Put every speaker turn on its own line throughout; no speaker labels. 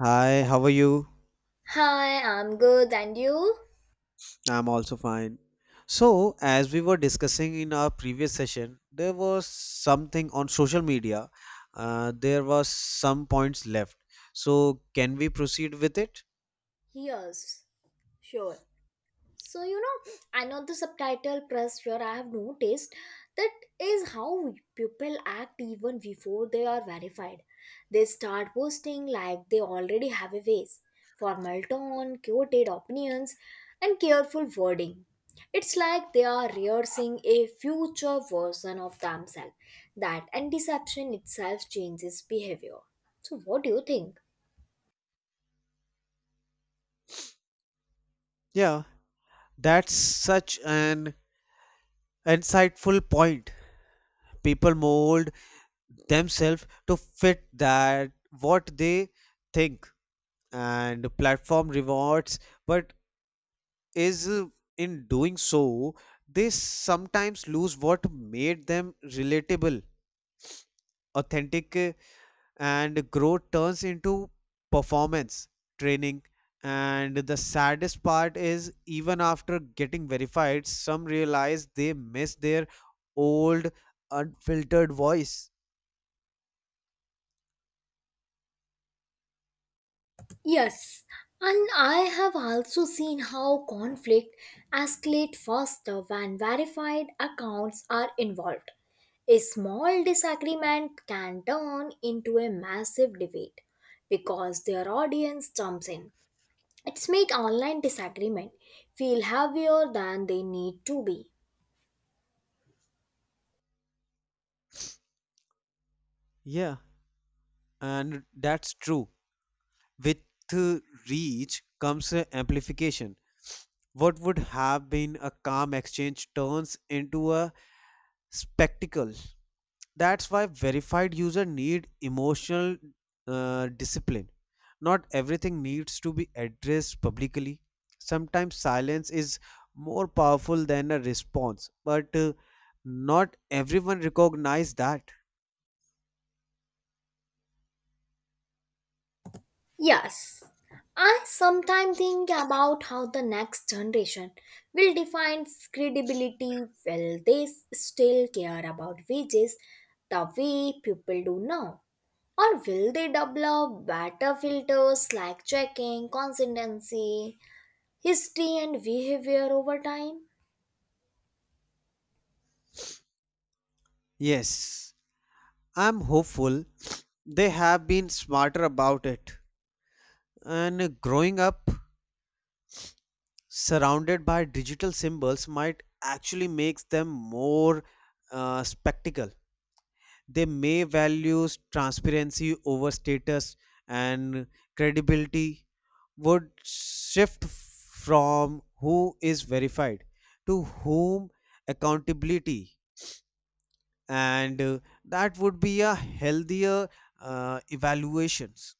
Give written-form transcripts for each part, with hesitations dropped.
Hi, how are you?
Hi, I'm good, and you?
I'm also fine. So, as we were discussing in our previous session, there was something on social media. There was some points left. So, can we proceed with it?
Yes, sure. So, you know, I know the subtitle press here I have noticed that is how people act even before they are verified. They start posting like they already have a face, formal tone, quoted opinions, and careful wording. It's like they are rehearsing a future version of themselves. That and deception itself changes behavior. So, what do you think?
Yeah, that's such an insightful point. People mold themselves to fit that what they think, and platform rewards, but is in doing so they sometimes lose what made them relatable authentic and growth turns into performance training. And the saddest part is, even after getting verified, some realize they miss their old unfiltered voice.
Yes, and I have also seen how conflict escalate faster when verified accounts are involved. A small disagreement can turn into a massive debate because their audience jumps in. It's make online disagreement feel heavier than they need to be.
Yeah, and that's true. With uh, reach comes amplification. What would have been a calm exchange turns into a spectacle. That's why verified user need emotional discipline. Not everything needs to be addressed publicly. Sometimes silence is more powerful than a response, but not everyone recognize that.
Yes, I sometimes think about how the next generation will define credibility. Will they still care about wages the way people do now? Or will they develop better filters like checking, consistency, history, and behavior over time?
Yes, I'm hopeful they have been smarter about it, and growing up surrounded by digital symbols might actually makes them more spectacle. They may values transparency over status, and credibility would shift from who is verified to whom accountability. And that would be a healthier evaluations.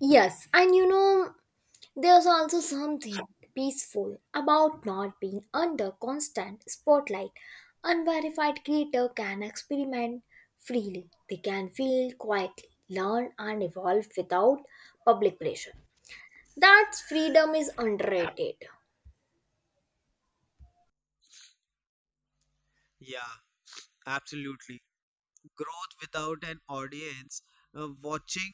Yes, and you know, there's also something peaceful about not being under constant spotlight. Unverified creator can experiment freely. They can feel quietly, learn and evolve without public pressure. That freedom is underrated.
Yeah, absolutely. Growth without an audience watching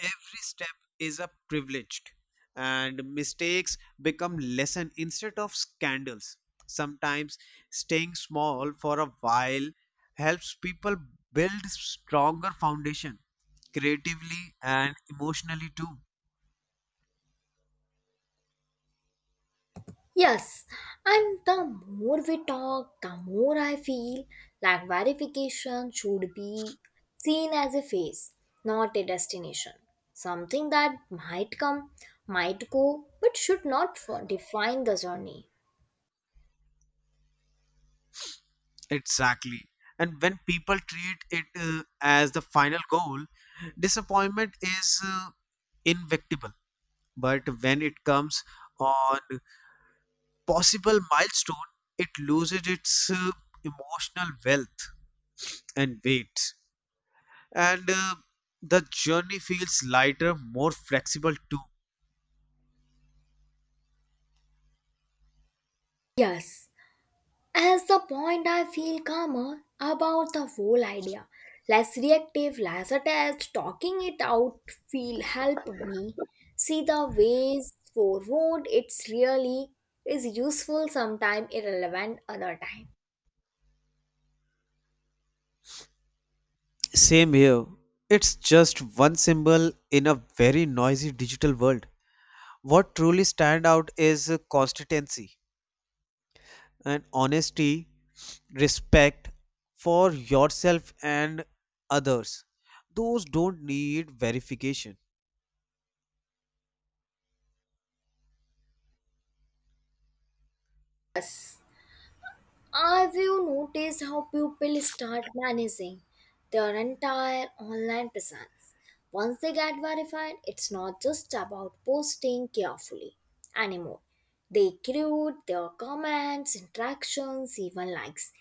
every step is a privileged, and mistakes become lesson instead of scandals. Sometimes staying small for a while helps people build stronger foundation creatively and emotionally too.
Yes, and the more we talk, the more I feel like verification should be seen as a phase, not a destination. Something that might come, might go, but should not define the journey.
Exactly. And when people treat it as the final goal, disappointment is inevitable. But when it comes on possible milestone, it loses its emotional wealth and weight. And the journey feels lighter, more flexible too.
Yes, as the point, I feel calmer about the whole idea. Less reactive, less attached, talking it out feel help me see the ways forward. It's really is useful, sometimes irrelevant, other time.
Same here. It's just one symbol in a very noisy digital world. What truly stand out is consistency and honesty, respect for yourself and others. Those don't need verification.
Yes. Have you noticed how people start managing their entire online presence? Once they get verified, it's not just about posting carefully anymore. They create their comments, interactions, even likes.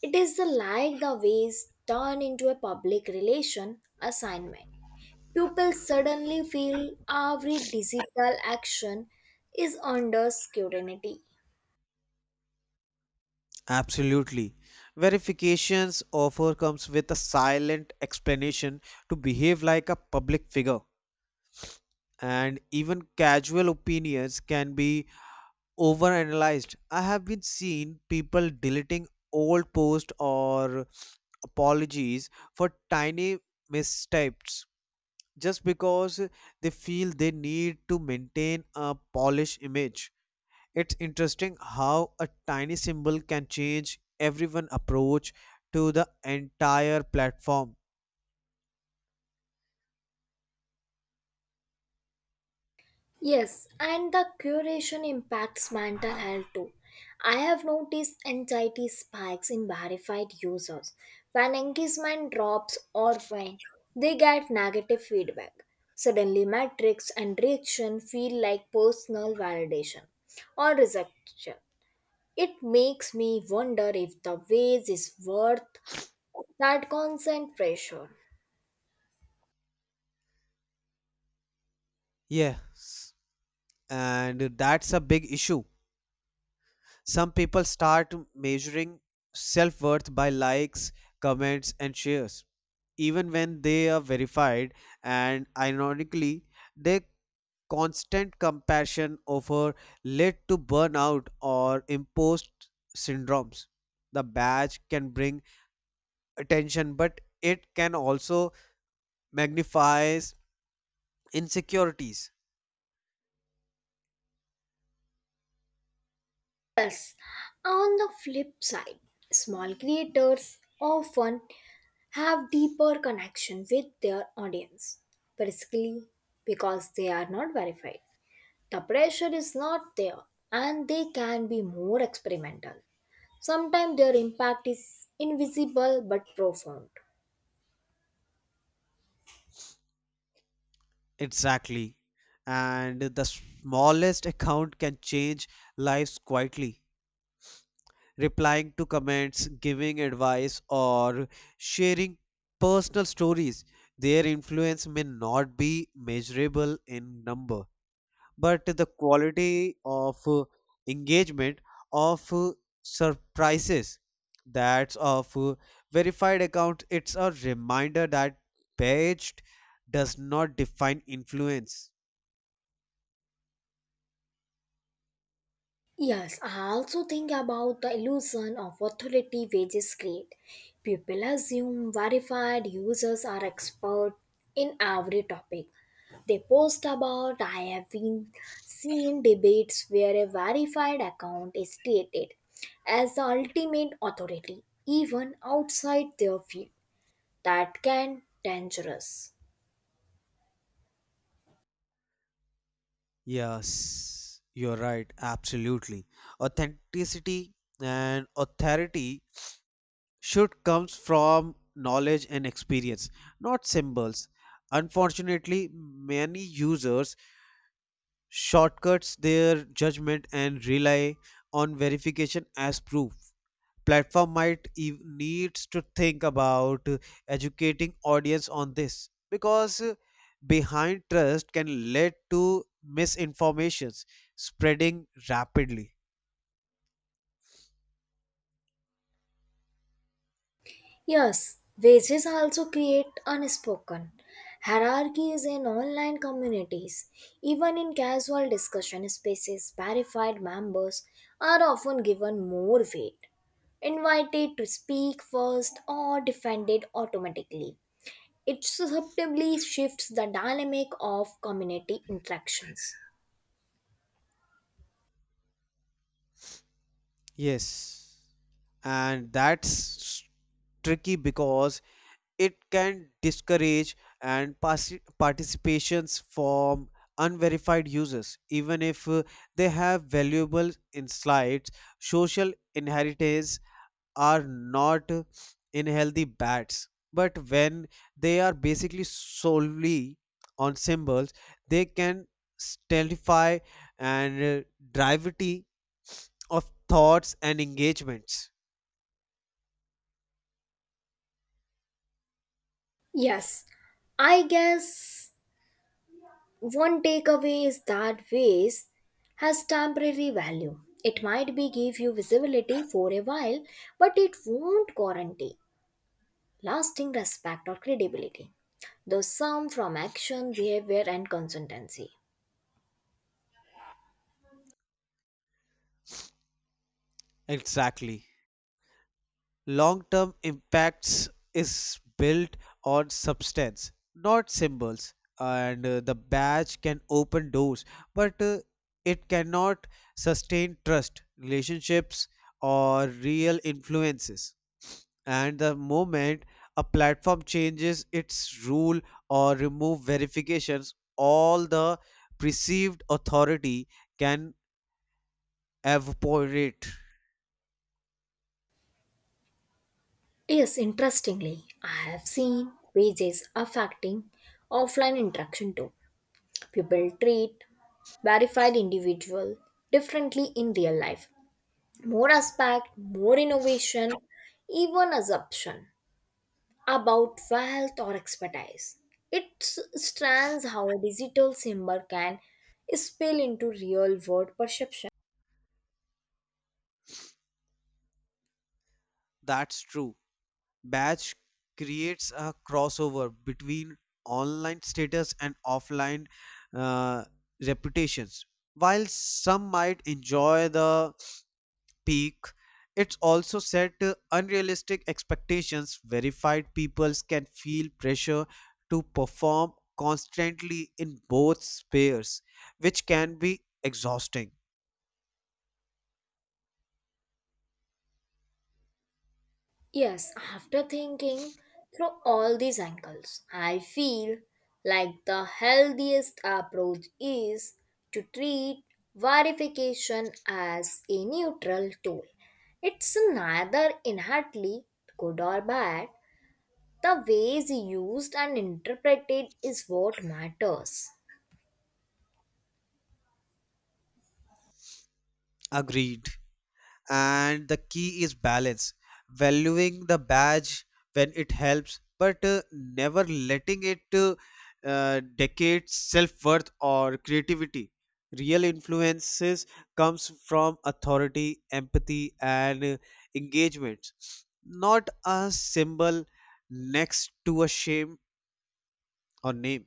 It is the like the ways turn into a public relation assignment. People suddenly feel every digital action is under scrutiny.
Absolutely. Verifications offer comes with a silent explanation to behave like a public figure, and even casual opinions can be overanalyzed. I have been seen people deleting old posts or apologies for tiny mistypes just because they feel they need to maintain a polished image. It's interesting how a tiny symbol can change everyone approach to the entire platform.
Yes, and the curation impacts mental health too. I have noticed anxiety spikes in verified users when engagement drops or when they get negative feedback. Suddenly, metrics and reaction feel like personal validation or rejection. It makes me wonder if the wage is worth that constant pressure.
Yes, and that's a big issue. Some people start measuring self-worth by likes, comments and shares even when they are verified, and ironically their constant compassion over led to burnout or imposed syndromes. The badge can bring attention, but it can also magnifies insecurities.
Yes, on the flip side, small creators often have deeper connection with their audience, basically because they are not verified. The pressure is not there and they can be more experimental. Sometimes their impact is invisible but profound.
Exactly. And the smallest account can change lives quietly, replying to comments, giving advice or sharing personal stories. Their influence may not be measurable in number, but the quality of engagement of surprises that's of verified account. It's a reminder that page does not define influence.
Yes, I also think about the illusion of authority wages create. People assume verified users are expert in every topic. They post about I have been seen debates where a verified account is created as the ultimate authority, even outside their field. That can dangerous.
Yes, you're right, absolutely. Authenticity and authority should comes from knowledge and experience, not symbols. Unfortunately, many users shortcuts their judgment and rely on verification as proof. Platform might needs to think about educating audience on this, because behind trust can lead to misinformations spreading rapidly.
Yes, wages also create unspoken hierarchies in online communities. Even in casual discussion spaces, verified members are often given more weight, invited to speak first, or defended automatically. It subtly shifts the dynamic of community interactions.
Yes, and that's tricky, because it can discourage and participations from unverified users, even if they have valuable insights. Social inheritance are not in healthy bats, but when they are basically solely on symbols, they can stultify and gravity of thoughts and engagements.
Yes, I guess one takeaway is that waste has temporary value. It might be give you visibility for a while, but it won't guarantee lasting respect or credibility. The sum from action, behavior, and consistency.
Exactly. Long term impacts is built on substance, not symbols. And the badge can open doors, but it cannot sustain trust, relationships, or real influences. And the moment a platform changes its rule or remove verifications, all the perceived authority can evaporate.
Yes, interestingly, I have seen wages affecting offline interaction too. People treat verified individual differently in real life. More aspect, more innovation, even assumption about wealth or expertise. It strands how a digital symbol can spill into real world perception.
That's true. Batch creates a crossover between online status and offline uh, reputations. While some might enjoy the peak, it's also set unrealistic expectations. Verified peoples can feel pressure to perform constantly in both spheres, which can be exhausting.
Yes, after thinking through all these angles, I feel like the healthiest approach is to treat verification as a neutral tool. It's neither inherently good or bad. The ways used and interpreted is what matters.
Agreed. And the key is balance, valuing the badge when it helps, but never letting it decade self-worth or creativity. Real influences comes from authority empathy and engagement, not a symbol next to a shame or name.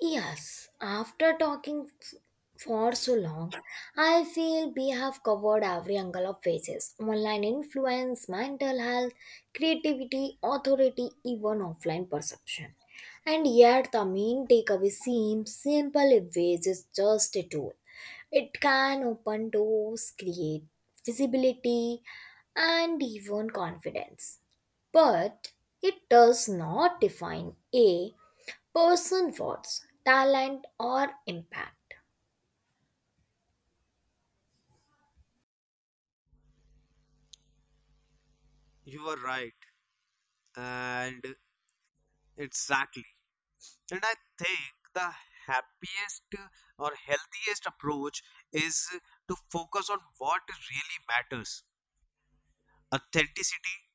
Yes, after talking for so long, I feel we have covered every angle of faces online influence, mental health, creativity, authority, even offline perception. And yet, the main takeaway seems simple if ways is just a tool. It can open doors, create visibility, and even confidence but it does not define a person what's talent or impact.
You are right, and exactly. And I think the happiest or healthiest approach is to focus on what really matters: authenticity,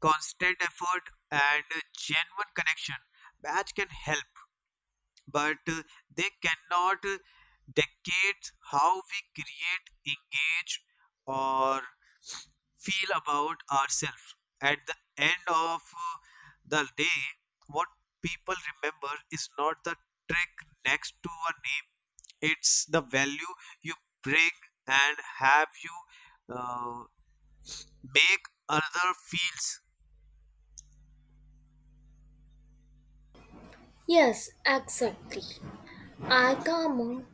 constant effort, and genuine connection. That can help, but they cannot dictate how we create, engage, or feel about ourselves. At the end of the day, what people remember is not the trick next to a name, it's the value you bring and have you make other feels.
Yes, exactly, I come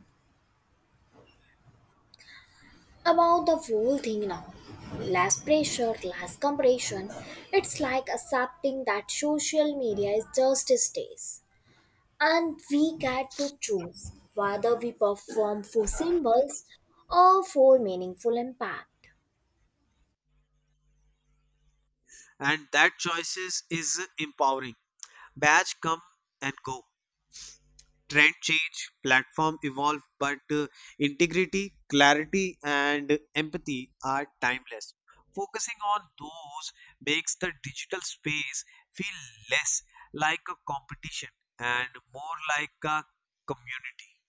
about the whole thing now, less pressure, less comparison. It's like accepting that social media is just a stage and we get to choose whether we perform for symbols or for meaningful impact.
And that choices is empowering. Badge come and go. Trend change, platform evolve, but integrity, clarity, and empathy are timeless. Focusing on those makes the digital space feel less like a competition and more like a community.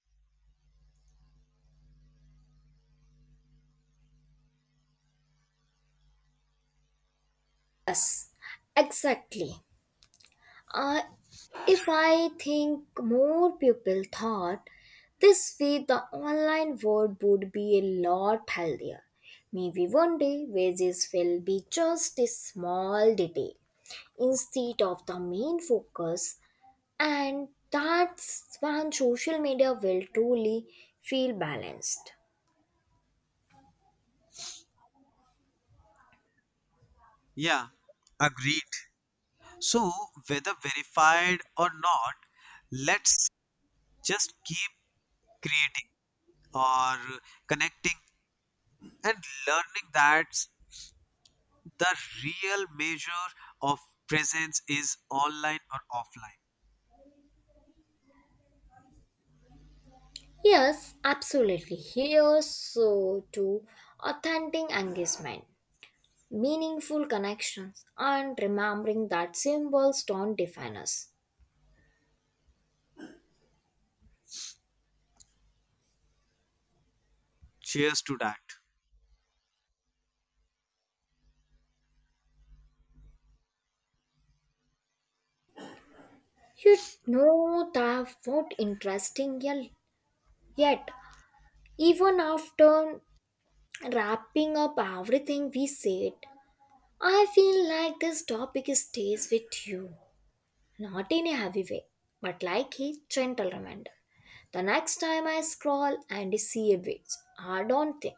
Exactly. uh, If I think more people thought this way, the online world would be a lot healthier. Maybe one day wages will be just a small detail instead of the main focus, and that's when social media will truly feel balanced.
Yeah, agreed. So, whether verified or not, let's just keep creating or connecting and learning that the real measure of presence is online or offline.
Yes, absolutely. Here's so to authentic engagement, meaningful connections, and remembering that symbols don't define us.
Cheers to that.
You know that what interesting yet even after wrapping up everything we said, I feel like this topic stays with you, not in a heavy way, but like a gentle reminder. The next time I scroll and see a witch, I don't think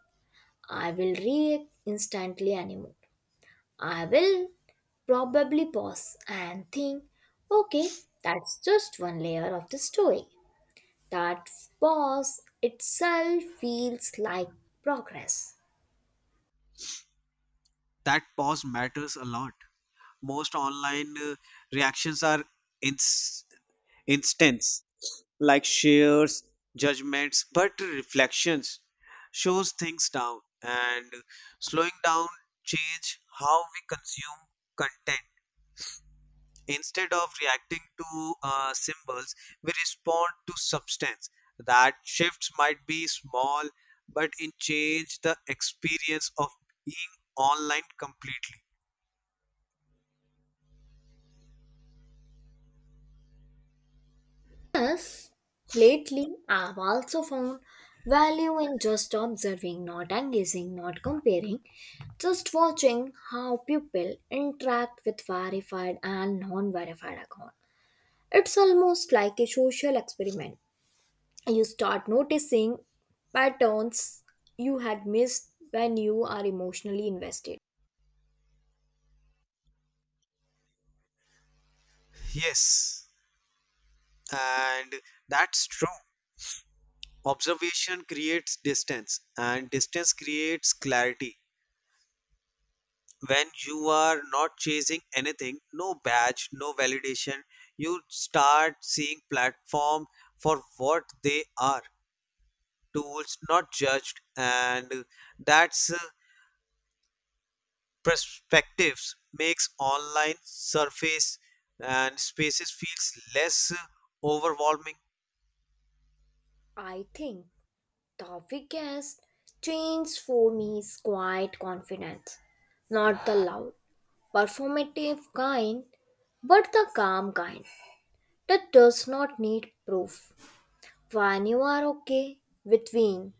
I will react instantly anymore. I will probably pause and think, okay, that's just one layer of the story. That pause itself feels like progress.
That pause matters a lot. Most online reactions are ins- instance, like shares, judgments, but reflections shows things down, and slowing down change how we consume content. Instead of reacting to symbols, we respond to substance. That shifts might be small, but it change the experience of being online completely.
Yes, lately I've also found value in just observing, not engaging, not comparing, just watching how people interact with verified and non verified accounts. It's almost like a social experiment. You start noticing patterns you had missed when you are emotionally invested.
Yes, and that's true. Observation creates distance, and distance creates clarity. When you are not chasing anything, no badge, no validation, you start seeing platform for what they are: tools, not judged. And that's perspectives makes online surface and spaces feels less overwhelming.
I think the biggest change for me is quiet confidence, not the loud, performative kind, but the calm kind that does not need proof. When you are okay with being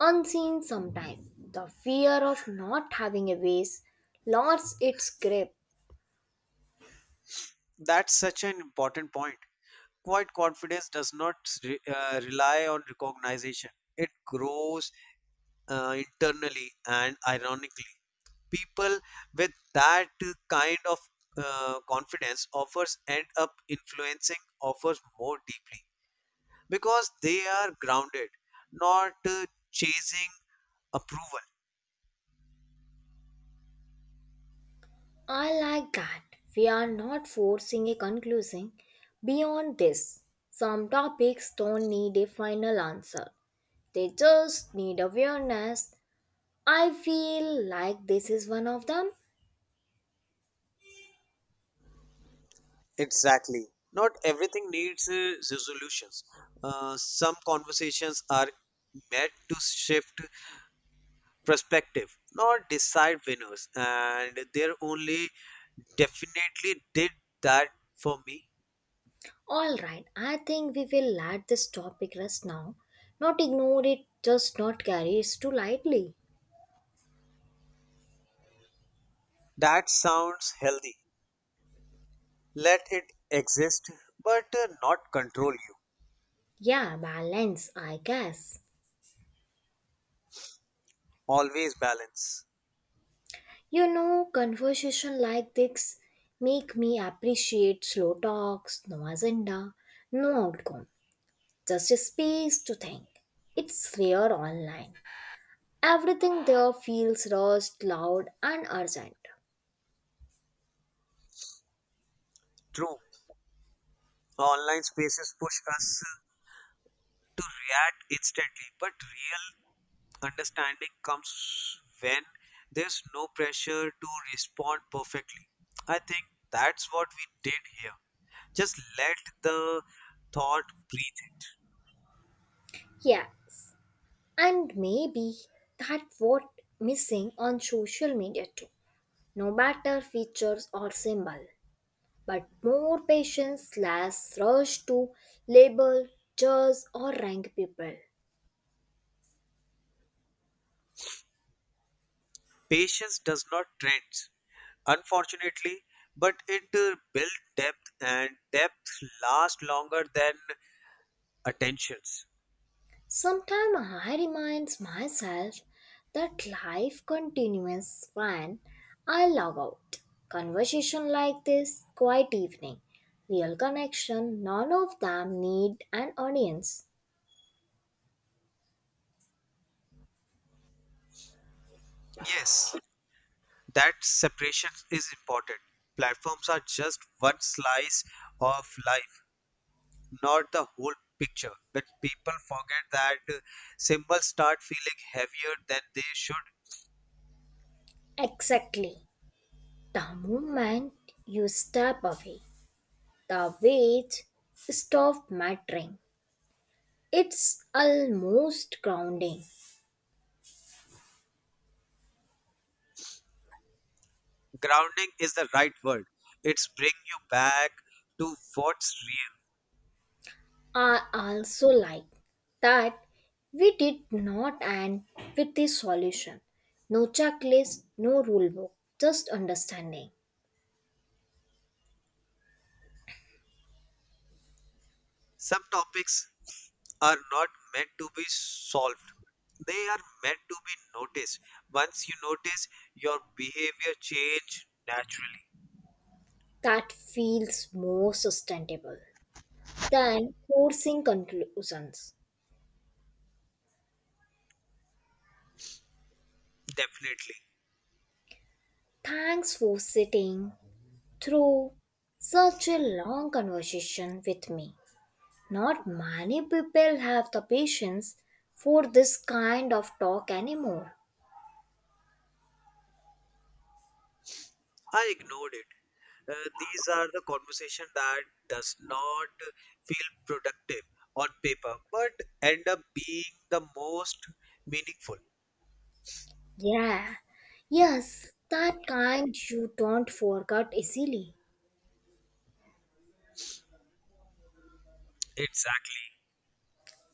unseen sometimes, the fear of not having a voice lost its grip.
That's such an important point. Quiet confidence does not rely on recognition. It grows internally, and ironically people with that kind of confidence offers end up influencing offers more deeply because they are grounded, not chasing approval.
I like that we are not forcing a conclusion beyond this. Some topics don't need a final answer, they just need awareness. I feel like this is one of them.
Exactly. Not everything needs resolutions. Some conversations are meant to shift perspective, not decide winners, and they're only definitely did that for me.
Alright, I think we will let this topic rest now. Not ignore it, just not carry it too lightly.
That sounds healthy. Let it exist, but not control you.
Yeah, balance, I guess.
Always balance.
You know, conversation like this make me appreciate slow talks, no agenda, no outcome, just a space to think. It's rare online. Everything there feels rushed, loud, and urgent.
True. Online spaces push us to react instantly. But real understanding comes when there's no pressure to respond perfectly. I think that's what we did here. Just let the thought breathe.
Yes, and maybe that's what missing on social media too. No better features or symbol, but more patience, less rush to label, judge, or rank people.
Patience does not trend, unfortunately, but it builds depth, and depth lasts longer than attentions.
Sometimes I remind myself that life continues when I log out. Conversation like this, quiet evening, real connection, none of them need an audience.
Yes, that separation is important. Platforms are just one slice of life, not the whole picture. But people forget that symbols start feeling heavier than they should.
Exactly. The moment you step away, the weight stops mattering. It's almost grounding.
Grounding is the right word. It's bring you back to what's real.
I also like that we did not end with a solution. No checklist, no rule book, just understanding.
Some topics are not meant to be solved. They are meant to be noticed. Once you notice, your behavior change naturally.
That feels more sustainable than forcing conclusions.
Definitely.
Thanks for sitting through such a long conversation with me. Not many people have the patience for this kind of talk anymore.
I ignored it. These are the conversation that does not feel productive on paper, but end up being the most meaningful.
Yeah, yes, that kind you don't forget easily.
Exactly.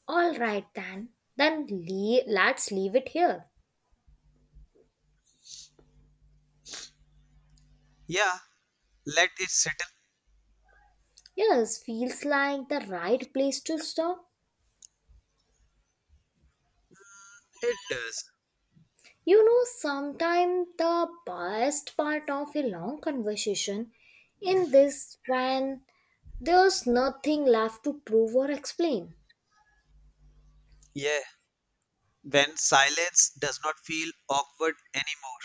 All right then let's leave it here.
Yeah, let it settle.
Yes, feels like the right place to stop.
It does.
You know, sometimes the best part of a long conversation in this when there's nothing left to prove or explain.
Yeah, when silence does not feel awkward anymore.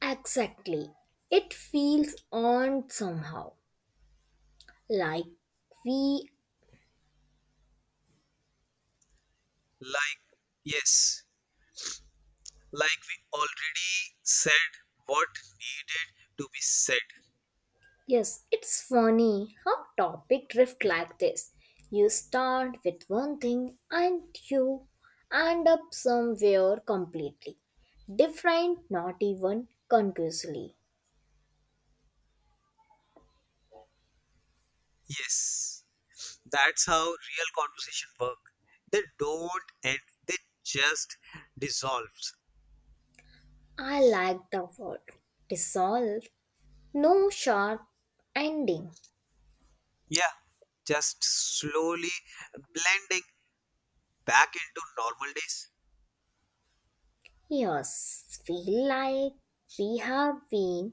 Exactly, it feels on somehow, like we...
Like, yes, like we already said what needed to be said.
Yes, it's funny how topic drift like this. You start with one thing and you end up somewhere completely different, not even conclusively.
Yes. That's how real conversation work. They don't end, they just dissolves.
I like the word dissolve, no sharp ending.
Yeah, just slowly blending back into normal days
Yes, feel like we have been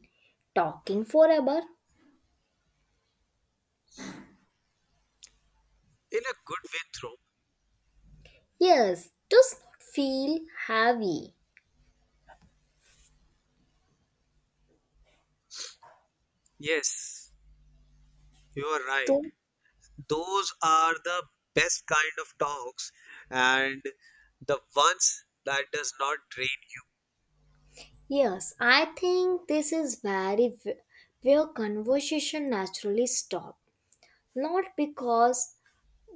talking forever.
in a good way through.
Yes, does not feel heavy.
Yes, you are right.
Though...
Those are the best kind of talks, and the ones that does not drain you.
Yes, I think this is very where conversation naturally stop. Not because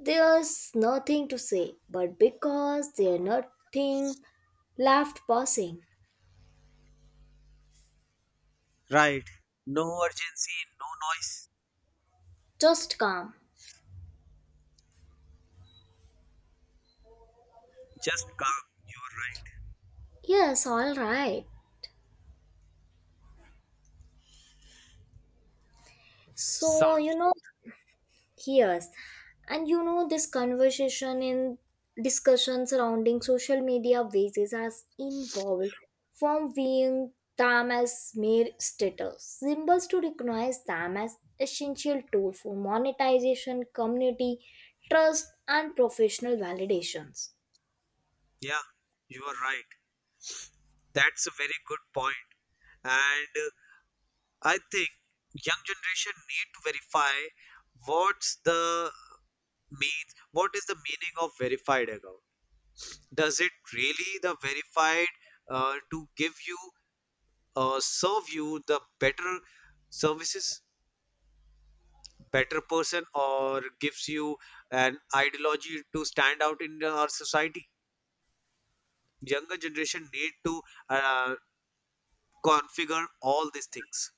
there's nothing to say, but because there's nothing left passing.
Right. No urgency, no noise,
Just calm.
just calm.
Yes, all right. So you
Sounds good.
know... Yes. And you know, this conversation in discussion surrounding social media bases has evolved from viewing them as mere status symbols to recognize them as essential tool for monetization, community, trust, and professional validations.
Yeah, you are right. That's a very good point. And I think young generation need to verify what's the means, what is the meaning of verified account. Does it really the verified to give you serve you the better services, better person, or gives you an ideology to stand out in our society? Younger generation need to uh, configure all these things.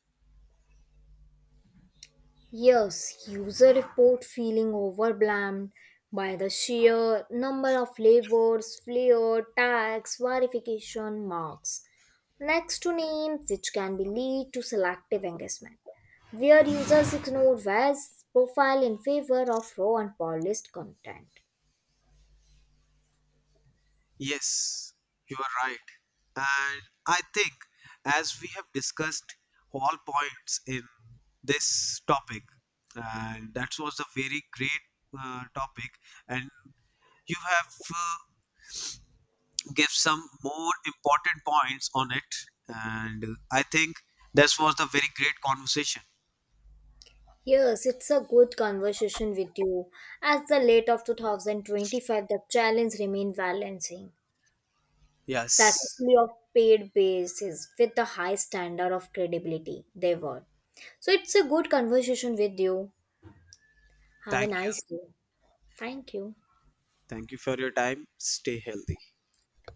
Yes, user report feeling overwhelmed by the sheer number of flavors, flair, tags, verification marks, next to names, which can be lead to selective engagement, where users ignore vast profile in favor of raw and polished content.
Yes, you are right. And I think, as we have discussed all points in this topic, and that was a very great topic, and you have uh, give some more important points on it, and I think this was a very great conversation.
Yes, it's a good conversation with you. As the late of 2025, the challenge remain balancing
Yes,
successfully of paid basis with the high standard of credibility they were. So it's a good conversation with you. Have a
thank
nice
you.
day. Thank you.
Thank you for your time. Stay healthy.